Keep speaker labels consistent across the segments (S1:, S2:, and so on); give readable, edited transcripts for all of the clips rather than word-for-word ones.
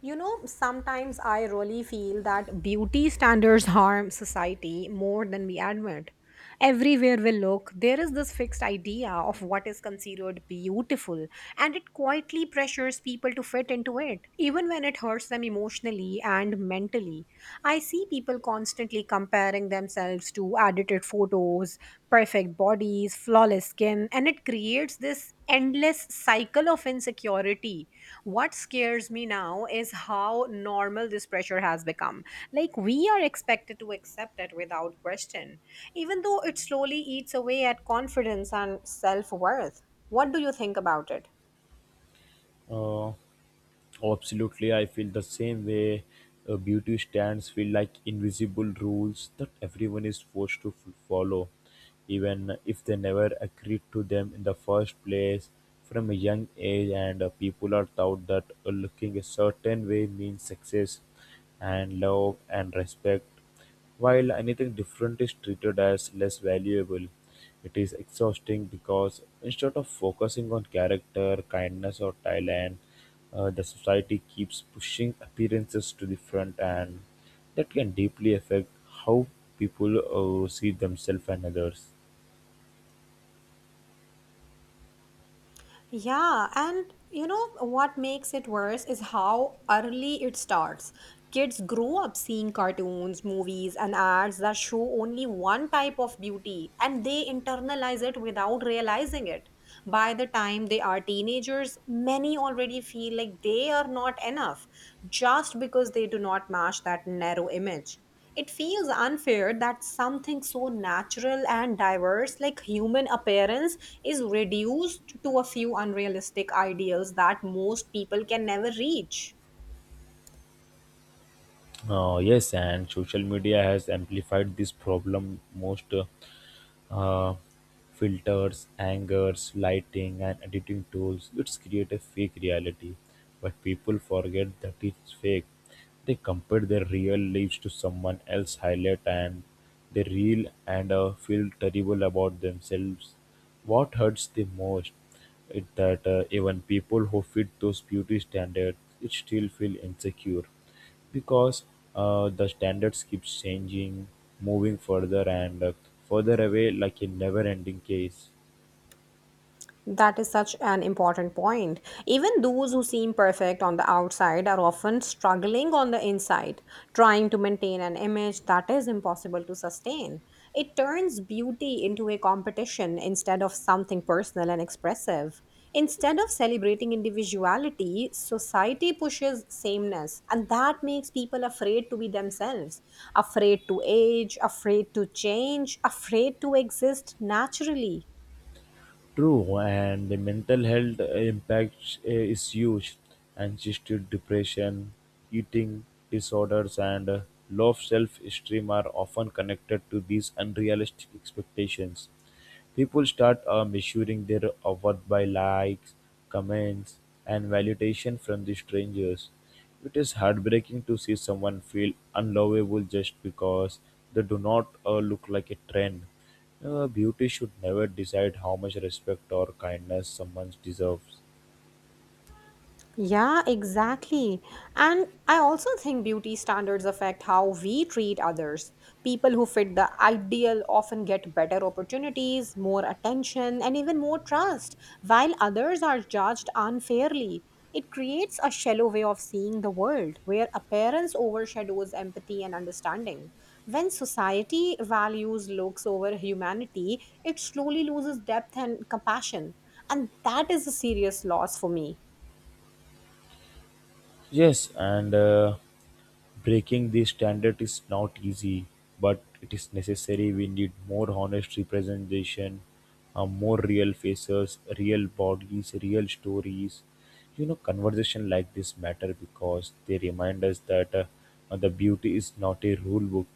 S1: You know, sometimes I really feel that beauty standards harm society more than we admit. Everywhere we look, there is this fixed idea of what is considered beautiful, and it quietly pressures people to fit into it, even when it hurts them emotionally and mentally. I see people constantly comparing themselves to edited photos, perfect bodies, flawless skin, and it creates this endless cycle of insecurity. What scares me now is how normal this pressure has become, like we are expected to accept it without question, even though it slowly eats away at confidence and self-worth. What do you think about it?
S2: Uh, Absolutely, I feel the same way. Beauty stands feel like invisible rules that everyone is forced to follow, even if they never agreed to them in the first place. From a young age, and people are taught that looking a certain way means success, and love and respect. While anything different is treated as less valuable, it is exhausting because instead of focusing on character, kindness, or talent, the society keeps pushing appearances to the front, and that can deeply affect how people see themselves and others.
S1: Yeah, and you know what makes it worse is how early it starts. Kids grow up seeing cartoons, movies, and ads that show only one type of beauty, and they internalize it without realizing it. By the time they are teenagers, many already feel like they are not enough just because they do not match that narrow image. It feels unfair that something so natural and diverse like human appearance is reduced to a few unrealistic ideals that most people can never reach.
S2: Yes, and social media has amplified this problem most. Uh, Filters, angers, lighting, and editing tools, which create a fake reality. But people forget that it's fake. They compare their real lives to someone else's highlight, and they reel and feel terrible about themselves. What hurts the most is that even people who fit those beauty standards it still feel insecure because the standards keeps changing, moving further and further away like a never-ending case.
S1: That is such an important point. Even those who seem perfect on the outside are often struggling on the inside, trying to maintain an image that is impossible to sustain. It turns beauty into a competition instead of something personal and expressive. Instead of celebrating individuality, society pushes sameness, and that makes people afraid to be themselves, afraid to age, afraid to change, afraid to exist naturally.
S2: True, and the mental health impact is huge. Anxiety, depression, eating disorders, and low self esteem are often connected to these unrealistic expectations. People start measuring their worth by likes, comments, and validation from the strangers. It is heartbreaking to see someone feel unlovable just because they do not look like a trend. Beauty should never decide how much respect or kindness someone deserves.
S1: Yeah, exactly. And I also think beauty standards affect how we treat others. People who fit the ideal often get better opportunities, more attention, and even more trust, while others are judged unfairly. It creates a shallow way of seeing the world where appearance overshadows empathy and understanding. When society values looks over humanity, it slowly loses depth and compassion. And that is a serious loss for me.
S2: Yes, and breaking this standard is not easy, but it is necessary. We need more honest representation, more real faces, real bodies, real stories. You know, conversation like this matter because they remind us that the beauty is not a rule book.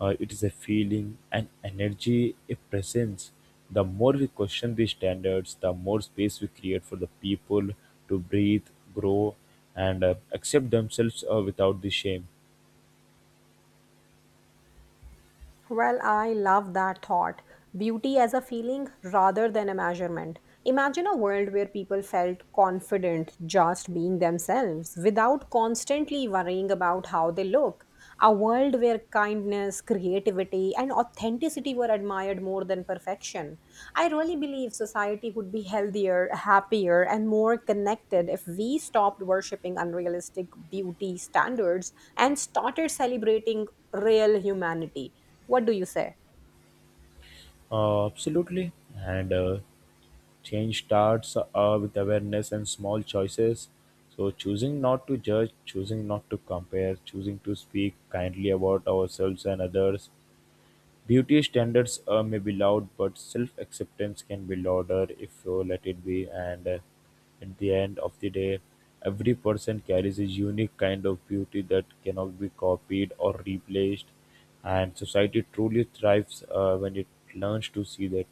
S2: It is a feeling, an energy, a presence. The more we question these standards, the more space we create for the people to breathe, grow, and accept themselves without the shame.
S1: Well, I love that thought. Beauty as a feeling rather than a measurement. Imagine a world where people felt confident just being themselves without constantly worrying about how they look. A world where kindness, creativity, and authenticity were admired more than perfection. I really believe society would be healthier, happier, and more connected if we stopped worshipping unrealistic beauty standards and started celebrating real humanity. What do you say?
S2: Absolutely. And change starts with awareness and small choices. So, choosing not to judge, choosing not to compare, choosing to speak kindly about ourselves and others, beauty standards may be loud, but self-acceptance can be louder if you let it be. And at the end of the day, every person carries a unique kind of beauty that cannot be copied or replaced. And society truly thrives when it learns to see that.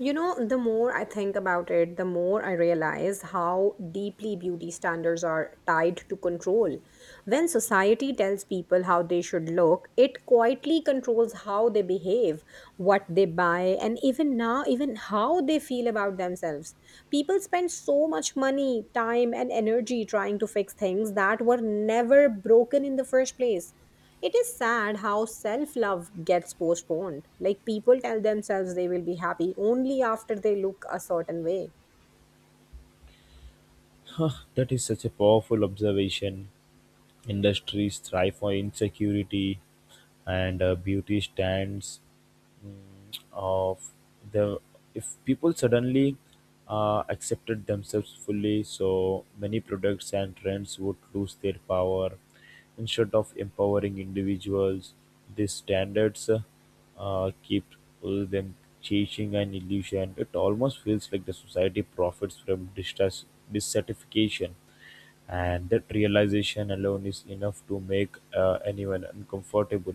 S1: You know, the more I think about it, the more I realize how deeply beauty standards are tied to control. When society tells people how they should look, it quietly controls how they behave, what they buy, and even now, even how they feel about themselves. People spend so much money, time, and energy trying to fix things that were never broken in the first place. It is sad how self love gets postponed. Like people tell themselves they will be happy only after they look a certain way.
S2: That is such a powerful observation. Industries thrive on insecurity, and beauty stands mm, of the if people suddenly accepted themselves fully, so many products and trends would lose their power. Instead of empowering individuals, these standards keep them chasing an illusion. It almost feels like the society profits from dissatisfaction, and that realization alone is enough to make anyone uncomfortable.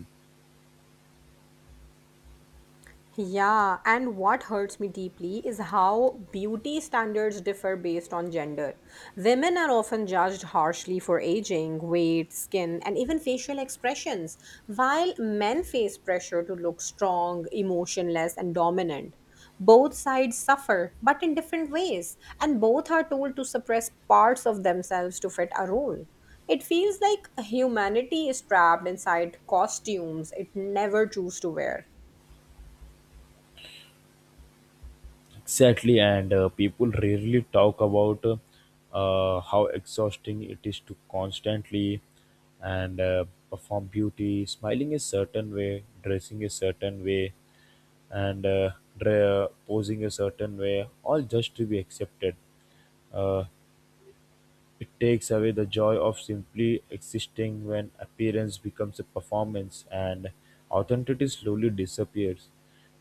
S1: Yeah, and what hurts me deeply is how beauty standards differ based on gender. Women are often judged harshly for aging, weight, skin, and even facial expressions, while men face pressure to look strong, emotionless, and dominant. Both sides suffer, but in different ways, and both are told to suppress parts of themselves to fit a role. It feels like humanity is trapped inside costumes it never chose to wear.
S2: Exactly, and people rarely talk about how exhausting it is to constantly and perform beauty, smiling a certain way, dressing a certain way, and posing a certain way, all just to be accepted. Uh, it takes away the joy of simply existing when appearance becomes a performance, and authenticity slowly disappears,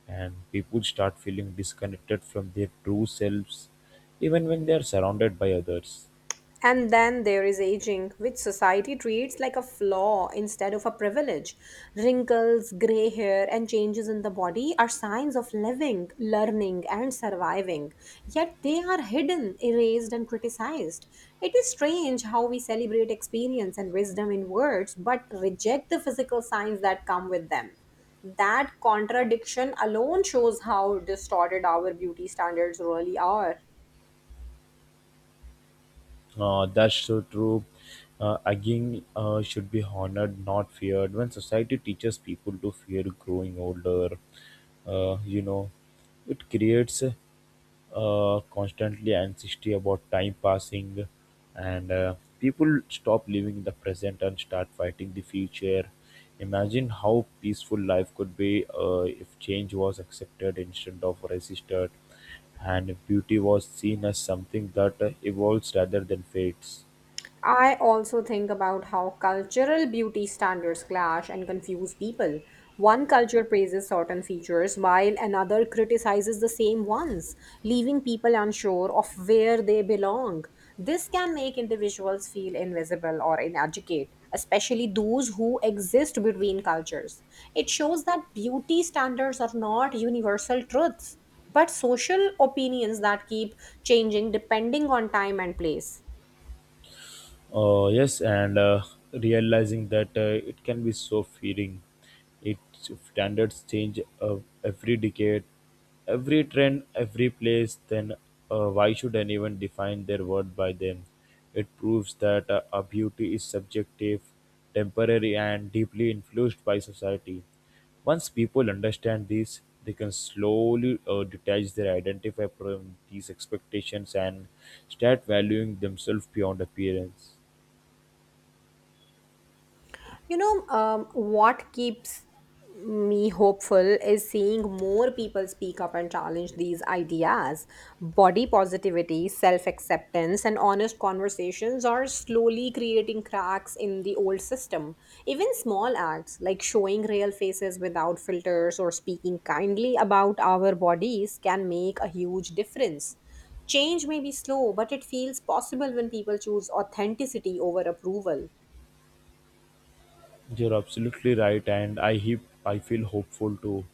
S2: and people start feeling disconnected from their true selves even when they are surrounded by others.
S1: And then there is aging, which society treats like a flaw instead of a privilege. Wrinkles, gray hair, and changes in the body are signs of living, learning, and surviving. Yet they are hidden, erased, and criticized. It is strange how we celebrate experience and wisdom in words, but reject the physical signs that come with them. That contradiction alone shows how distorted our beauty standards really are.
S2: That's so true. Again, should be honored, not feared. When society teaches people to fear growing older, you know, it creates constantly anxiety about time passing, and people stop living in the present and start fighting the future. Imagine how peaceful life could be if change was accepted instead of resisted, and if beauty was seen as something that evolves rather than fades.
S1: I also think about how cultural beauty standards clash and confuse people. One culture praises certain features while another criticizes the same ones, leaving people unsure of where they belong. This can make individuals feel invisible or inadequate, especially those who exist between cultures. It shows that beauty standards are not universal truths, but social opinions that keep changing depending on time and place.
S2: Yes, and realizing that it can be so feeding. Its standards change every decade, every trend, every place. Then why should anyone define their worth by them? It proves that a beauty is subjective, temporary, and deeply influenced by society. Once people understand this, they can slowly detach their identify from these expectations, and start valuing themselves beyond appearance.
S1: You know, what keeps me hopeful is seeing more people speak up and challenge these ideas. Body positivity, self acceptance, and honest conversations are slowly creating cracks in the old system. Even small acts like showing real faces without filters or speaking kindly about our bodies can make a huge difference. Change may be slow, but it feels possible when people choose authenticity over approval.
S2: You're absolutely right, and I feel hopeful too,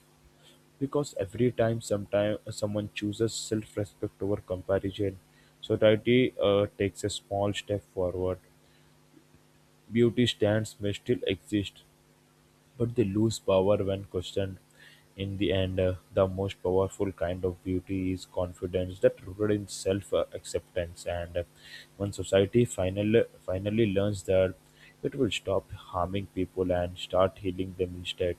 S2: because every time, sometime someone chooses self-respect over comparison, society takes a small step forward. Beauty stands may still exist, but they lose power when questioned. In the end, the most powerful kind of beauty is confidence that rooted in self-acceptance, and when society finally learns that, it will stop harming people and start healing them instead.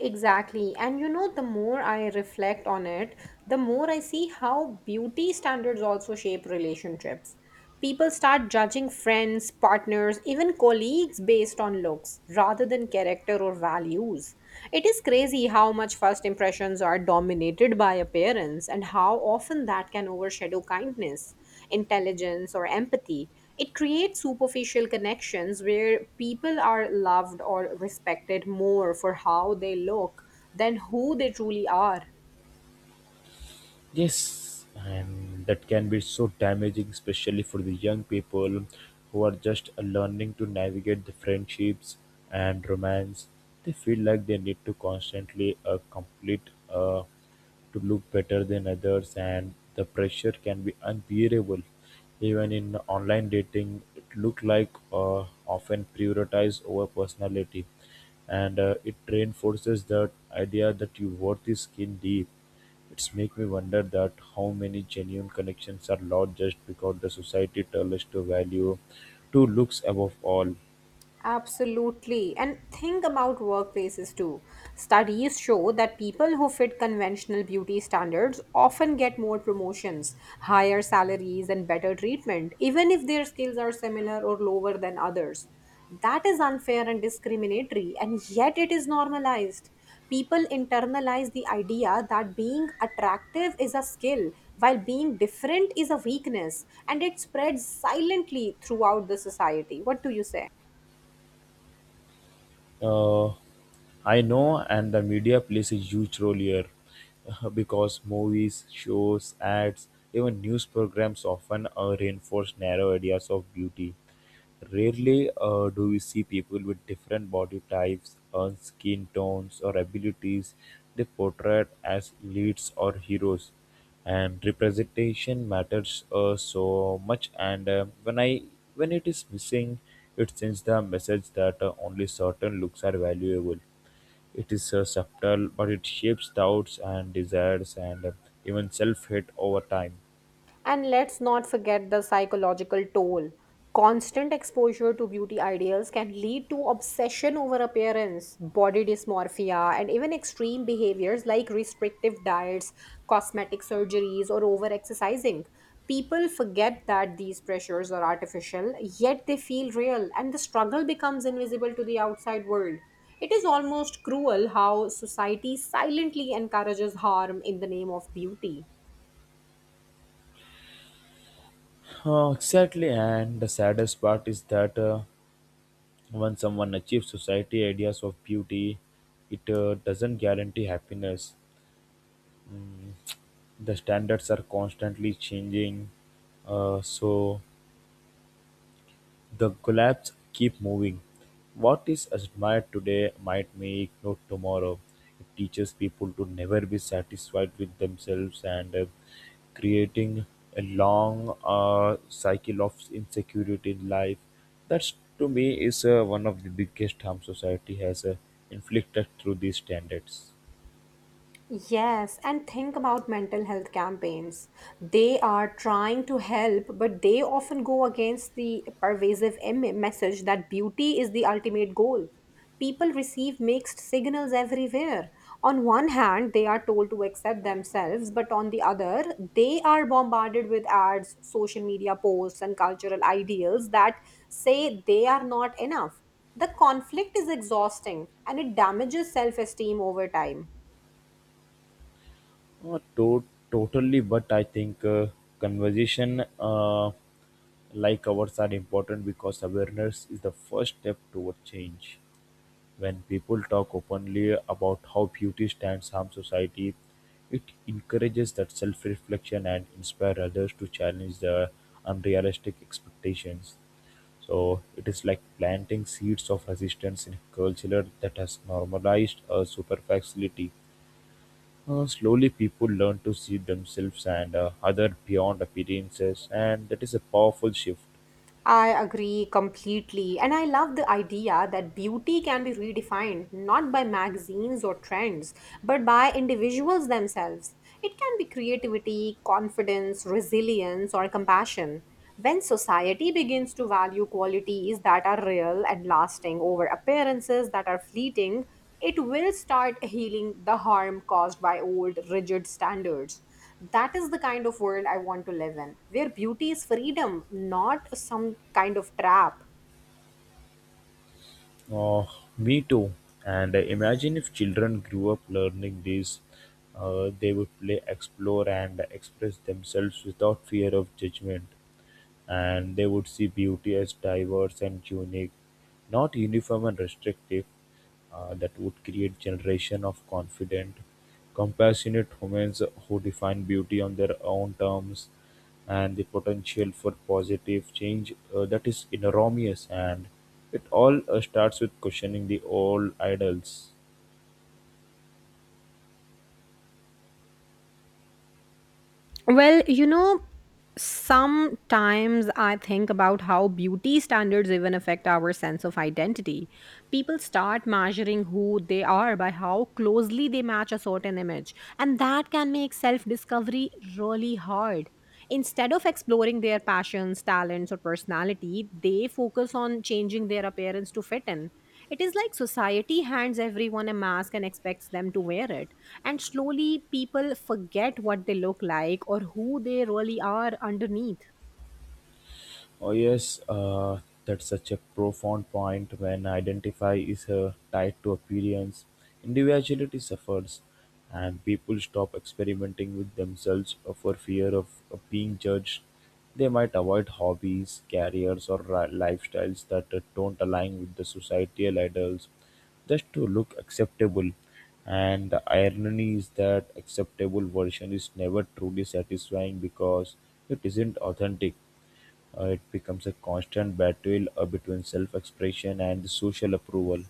S1: Exactly. And you know, the more I reflect on it, the more I see how beauty standards also shape relationships. People start judging friends, partners, even colleagues based on looks rather than character or values. It is crazy how much first impressions are dominated by appearance and how often that can overshadow kindness, intelligence, or empathy. It creates superficial connections where people are loved or respected more for how they look than who they truly are.
S2: Yes, and that can be so damaging, especially for the young people who are just learning to navigate the friendships and romance. They feel like they need to constantly complete to look better than others, and the pressure can be unbearable. Even in online dating, it look like often prioritized over personality, and it reinforces that idea that your worth is skin deep. It's make me wonder that how many genuine connections are lost just because the society tells us to value to looks above all.
S1: Absolutely. And think about workplaces too. Studies show that people who fit conventional beauty standards often get more promotions, higher salaries, and better treatment, even if their skills are similar or lower than others. That is unfair and discriminatory, and yet it is normalized. People internalize the idea that being attractive is a skill, while being different is a weakness, and it spreads silently throughout the society. What do you say?
S2: Uh, I know, and the media plays a huge role here because movies, shows, ads, even news programs often reinforce narrow ideas of beauty. Rarely do we see people with different body types, skin tones, or abilities they portrayed as leads or heroes. And representation matters so much, and when it is missing, it sends the message that only certain looks are valuable. It is subtle, but it shapes doubts and desires, and even self-hate over time.
S1: And let's not forget the psychological toll. Constant exposure to beauty ideals can lead to obsession over appearance, body dysmorphia, and even extreme behaviors like restrictive diets, cosmetic surgeries, or over exercising. People forget that these pressures are artificial, yet they feel real, and the struggle becomes invisible to the outside world. It is almost cruel how society silently encourages harm in the name of beauty.
S2: Oh, exactly, and the saddest part is that when someone achieves society ideas of beauty, it doesn't guarantee happiness. Mm, The standards are constantly changing, so the collapse keep moving. What is admired today might make note tomorrow. It teaches people to never be satisfied with themselves, and creating a long cycle of insecurity in life. That's to me is one of the biggest harm society has inflicted through these standards.
S1: Yes, and think about mental health campaigns. They are trying to help, but they often go against the pervasive message that beauty is the ultimate goal. People receive mixed signals everywhere. On one hand, they are told to accept themselves, but on the other, they are bombarded with ads, social media posts, and cultural ideals that say they are not enough. The conflict is exhausting and it damages self esteem over time.
S2: Uh, to- Totally, but I think conversation like ours are important because awareness is the first step toward change. When people talk openly about how beauty stands harm society, it encourages that self reflection and inspire others to challenge the unrealistic expectations. So it is like planting seeds of resistance in a culture that has normalized a superficiality. Slowly, people learn to see themselves and other beyond appearances, and that is a powerful shift.
S1: I agree completely. And I love the idea that beauty can be redefined not by magazines or trends, but by individuals themselves. It can be creativity, confidence, resilience, or compassion. When society begins to value qualities that are real and lasting over appearances that are fleeting, it will start healing the harm caused by old, rigid standards. That is the kind of world I want to live in, where beauty is freedom, not some kind of trap.
S2: Uh, Me too. And imagine if children grew up learning this, they would play, explore, and express themselves without fear of judgment. And they would see beauty as diverse and unique, not uniform and restrictive. That would create generation of confident, compassionate humans who define beauty on their own terms, and the potential for positive change that is enormous. And it all starts with questioning the old idols.
S1: Well, you know, sometimes I think about how beauty standards even affect our sense of identity. People start measuring who they are by how closely they match a certain image, and that can make self discovery really hard. Instead of exploring their passions, talents, or personality, they focus on changing their appearance to fit in. It is like society hands everyone a mask and expects them to wear it, and slowly people forget what they look like or who they really are underneath.
S2: Oh yes, that's such a profound point when identify is tied to appearance. Individuality suffers, and people stop experimenting with themselves for fear of being judged. They might avoid hobbies, careers, or lifestyles that don't align with the societal ideals just to look acceptable. And the irony is that acceptable version is never truly satisfying because it isn't authentic. It becomes a constant battle between self-expression and social approval.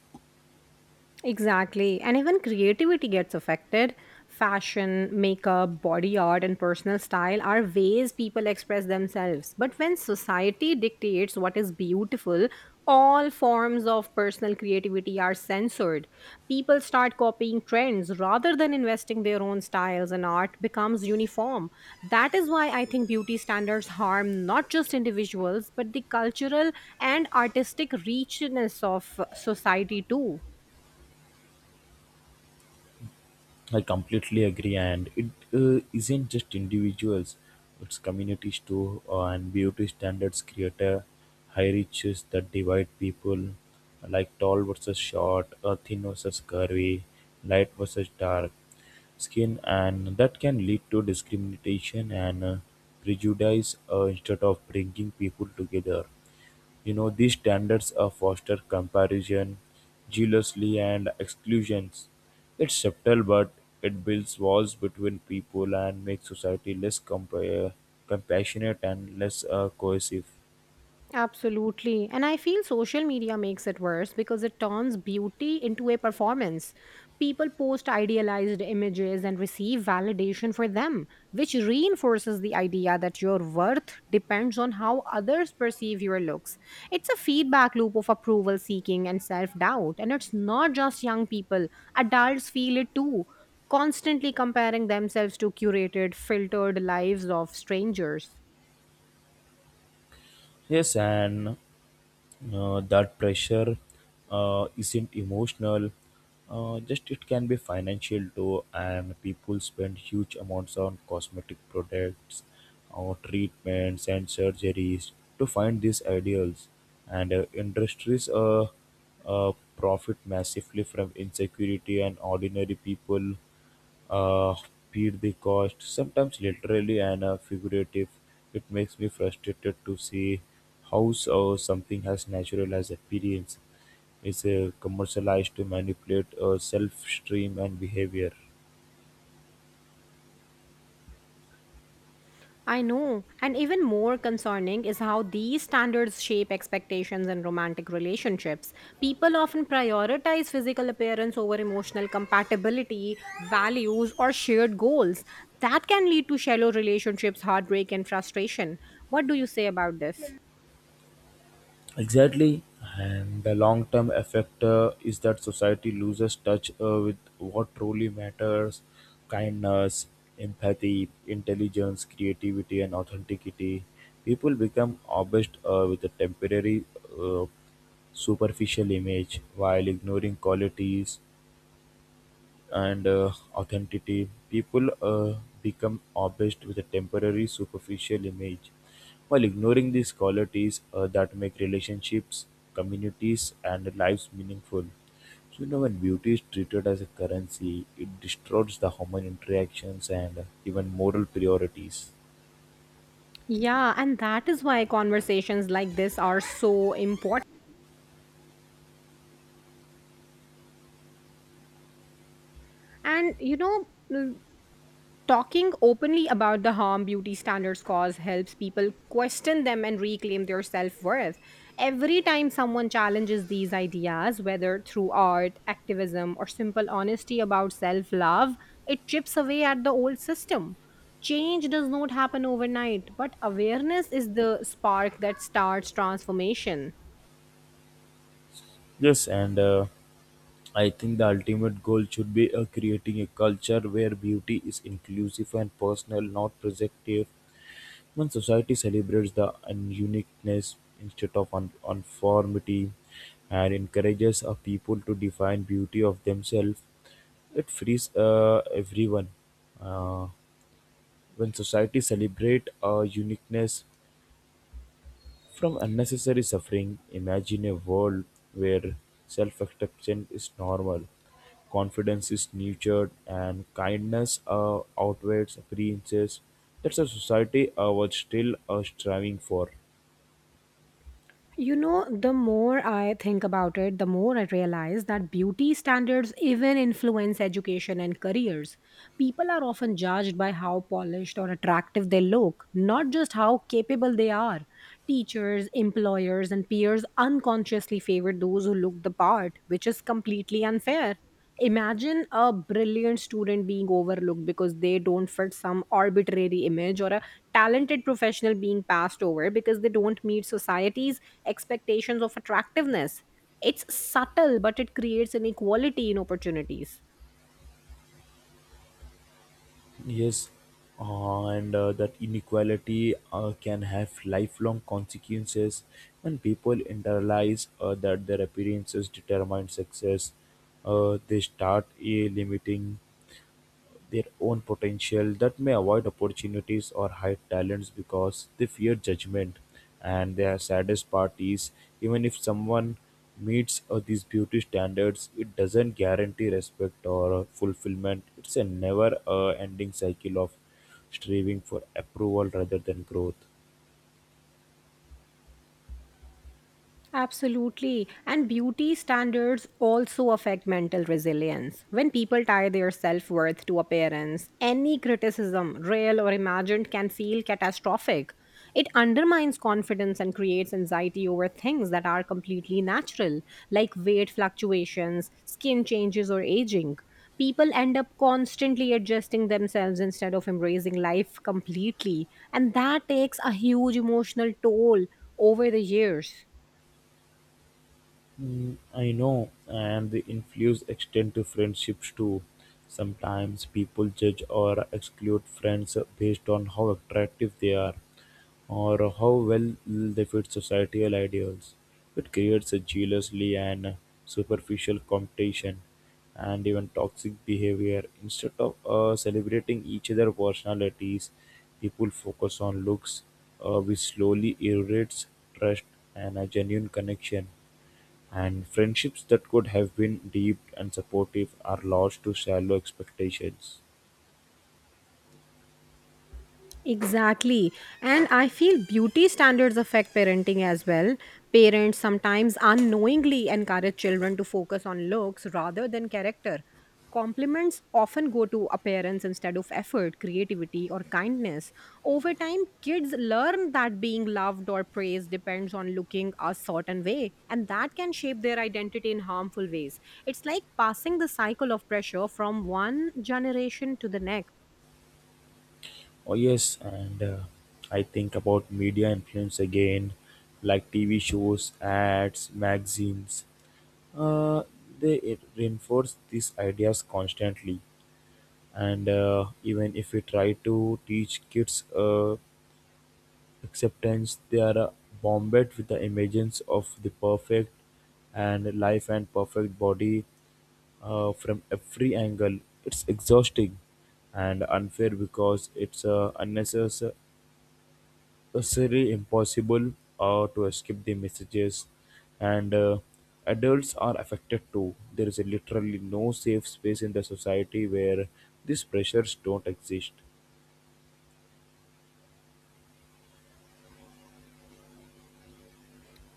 S1: Exactly. And even creativity gets affected. Fashion, makeup, body art, and personal style are ways people express themselves. But when society dictates what is beautiful, all forms of personal creativity are censored. People start copying trends rather than investing their own styles, and art becomes uniform. That is why I think beauty standards harm not just individuals, but the cultural and artistic richness of society, too.
S2: I completely agree, and it isn't just individuals; it's communities too, and beauty standards create a hierarchies that divide people, like tall versus short, thin versus curvy, light versus dark skin, and that can lead to discrimination and prejudice instead of bringing people together. You know, these standards are foster comparison, jealousy, and exclusions. It's subtle, but it builds walls between people and makes society less compassionate and less cohesive.
S1: Absolutely. And I feel social media makes it worse because it turns beauty into a performance. People post idealized images and receive validation for them, which reinforces the idea that your worth depends on how others perceive your looks. It's a feedback loop of approval seeking and self doubt. And it's not just young people, adults feel it too, constantly comparing themselves to curated, filtered lives of strangers.
S2: Yes, and that pressure isn't emotional just, it can be financial too, and people spend huge amounts on cosmetic products or treatments and surgeries to find these ideals, and industries profit massively from insecurity, and ordinary people uh, paid the cost, sometimes literally and figurative. It makes me frustrated to see how so something as natural as appearance is commercialized to manipulate self-stream and behavior.
S1: I know. And even more concerning is how these standards shape expectations in romantic relationships. People often prioritize physical appearance over emotional compatibility, values, or shared goals. That can lead to shallow relationships, heartbreak, and frustration. What do you say about this?
S2: Exactly, and the long term effect is that society loses touch with what truly matters: kindness, empathy, intelligence, creativity, and authenticity. People become obsessed with a temporary, uh, superficial image while ignoring qualities and authenticity, people become obsessed with a temporary, superficial image, while ignoring these qualities that make relationships, communities, and lives meaningful. So, you know, when beauty is treated as a currency, it distorts the human interactions and even moral priorities.
S1: Yeah, and that is why conversations like this are so important. And you know, talking openly about the harm beauty standards cause helps people question them and reclaim their self worth. Every time someone challenges these ideas, whether through art, activism, or simple honesty about self love, it chips away at the old system. Change does not happen overnight, but awareness is the spark that starts transformation.
S2: Yes, and I think the ultimate goal should be creating a culture where beauty is inclusive and personal, not projective. When society celebrates the uniqueness instead of uniformity and encourages a people to define beauty of themselves, it frees everyone. Uh, when society celebrate our uniqueness from unnecessary suffering, imagine a world where self-acceptance is normal, confidence is nurtured, and kindness outweighs appearances. That's a society I was still striving for.
S1: You know, the more I think about it, the more I realize that beauty standards even influence education and careers. People are often judged by how polished or attractive they look, not just how capable they are. Teachers, employers, and peers unconsciously favor those who look the part, which is completely unfair. Imagine a brilliant student being overlooked because they don't fit some arbitrary image, or a talented professional being passed over because they don't meet society's expectations of attractiveness. It's subtle, but it creates inequality in opportunities.
S2: Yes, and that inequality can have lifelong consequences when people internalize that their appearances determine success. They start limiting their own potential that may avoid opportunities or hide talents because they fear judgment, and their saddest part is, even if someone meets these beauty standards, it doesn't guarantee respect or fulfillment. It's a never ending cycle of striving for approval rather than growth.
S1: Absolutely. And beauty standards also affect mental resilience. When people tie their self worth to appearance, any criticism, real or imagined, can feel catastrophic. It undermines confidence and creates anxiety over things that are completely natural, like weight fluctuations, skin changes, or aging. People end up constantly adjusting themselves instead of embracing life completely. And that takes a huge emotional toll over the years.
S2: Mm, I know, and the influence extend to friendships too. Sometimes people judge or exclude friends based on how attractive they are or how well they fit societal ideals. It creates a jealously and superficial competition and even toxic behavior. Instead of celebrating each other's personalities, people focus on looks, which slowly erodes trust and a genuine connection. And friendships that could have been deep and supportive are lost to shallow expectations.
S1: Exactly. And I feel beauty standards affect parenting as well. Parents sometimes unknowingly encourage children to focus on looks rather than character. Compliments often go to appearance instead of effort, creativity, or kindness. Over time, kids learn that being loved or praised depends on looking a certain way, and that can shape their identity in harmful ways. It's like passing the cycle of pressure from one generation to the next.
S2: Oh yes, and I think about media influence again, like TV shows, ads, magazines. Uh, they it reinforce these ideas constantly, and even if we try to teach kids acceptance, they are bombarded with the images of the perfect and life and perfect body from every angle. It's exhausting and unfair because it's unnecessarily impossible to escape the messages, and adults are affected too. There is literally no safe space in the society where these pressures don't exist.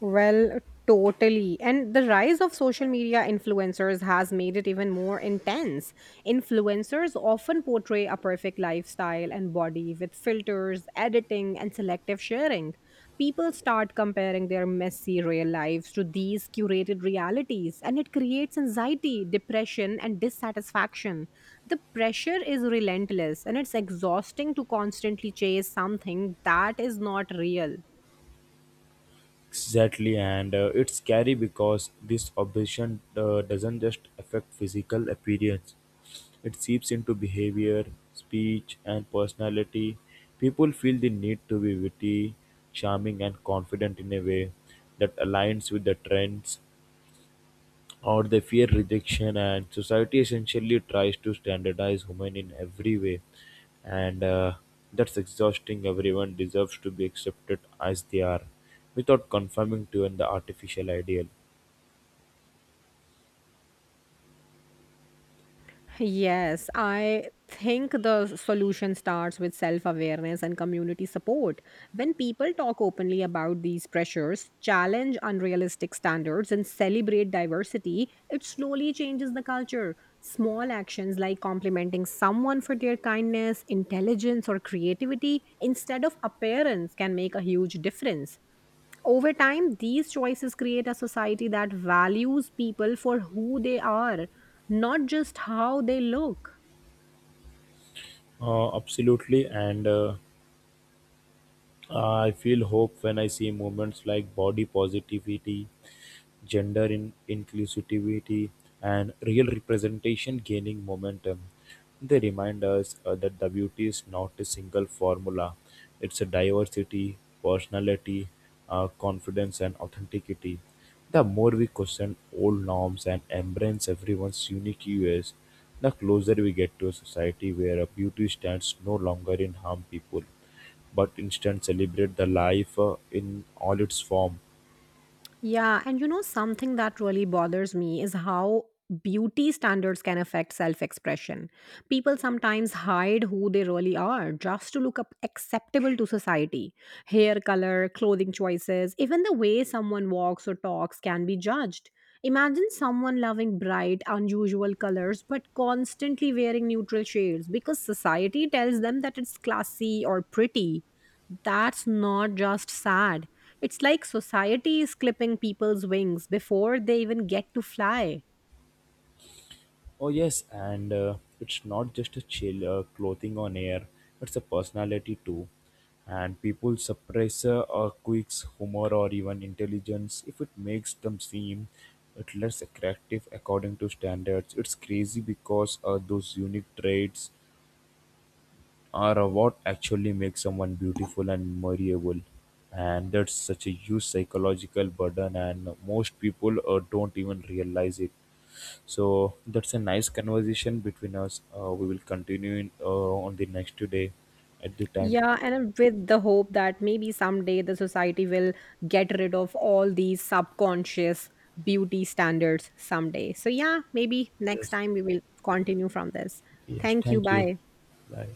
S1: Well, totally. And the rise of social media influencers has made it even more intense. Influencers often portray a perfect lifestyle and body with filters, editing, and selective sharing. People start comparing their messy real lives to these curated realities, and it creates anxiety, depression, and dissatisfaction. The pressure is relentless, and it's exhausting to constantly chase something that is not real.
S2: Exactly, and it's scary because this obsession doesn't just affect physical appearance, it seeps into behavior, speech, and personality. People feel the need to be witty, charming, and confident in a way that aligns with the trends or they fear rejection, and society essentially tries to standardize women in every way, and that's exhausting. Everyone deserves to be accepted as they are, without conforming to an artificial ideal.
S1: Yes, I think the solution starts with self awareness and community support. When people talk openly about these pressures, challenge unrealistic standards, and celebrate diversity, it slowly changes the culture. Small actions like complimenting someone for their kindness, intelligence, or creativity instead of appearance can make a huge difference. Over time, these choices create a society that values people for who they are, not just how they look.
S2: Absolutely. And. I feel hope when I see movements like body positivity, gender inclusivity, and real representation gaining momentum. They remind us that the beauty is not a single formula. It's a diversity, personality, confidence, and authenticity. The more we question old norms and embrace everyone's unique US, the closer we get to a society where a beauty stands no longer in harm people but instead celebrate the life in all its form.
S1: Yeah, and you know, something that really bothers me is how beauty standards can affect self expression. People sometimes hide who they really are just to look up acceptable to society. Hair color, clothing choices, even the way someone walks or talks can be judged. Imagine someone loving bright, unusual colors but constantly wearing neutral shades because society tells them that it's classy or pretty. That's not just sad, it's like society is clipping people's wings before they even get to fly.
S2: Oh yes, and it's not just a chill clothing on air; it's a personality too. And people suppress a quick humor or even intelligence if it makes them seem it less attractive according to standards. It's crazy because those unique traits, or what actually makes someone beautiful and memorable? And that's such a huge psychological burden, and most people don't even realize it. So that's a nice conversation between us. We will continue in, on the next day at the time.
S1: Yeah, and with the hope that maybe someday the society will get rid of all these subconscious beauty standards someday. So, yeah, maybe next
S2: Yes,
S1: time we will continue from this.
S2: yes.
S1: Thank you.
S2: Thank you.
S1: Bye.
S2: Bye.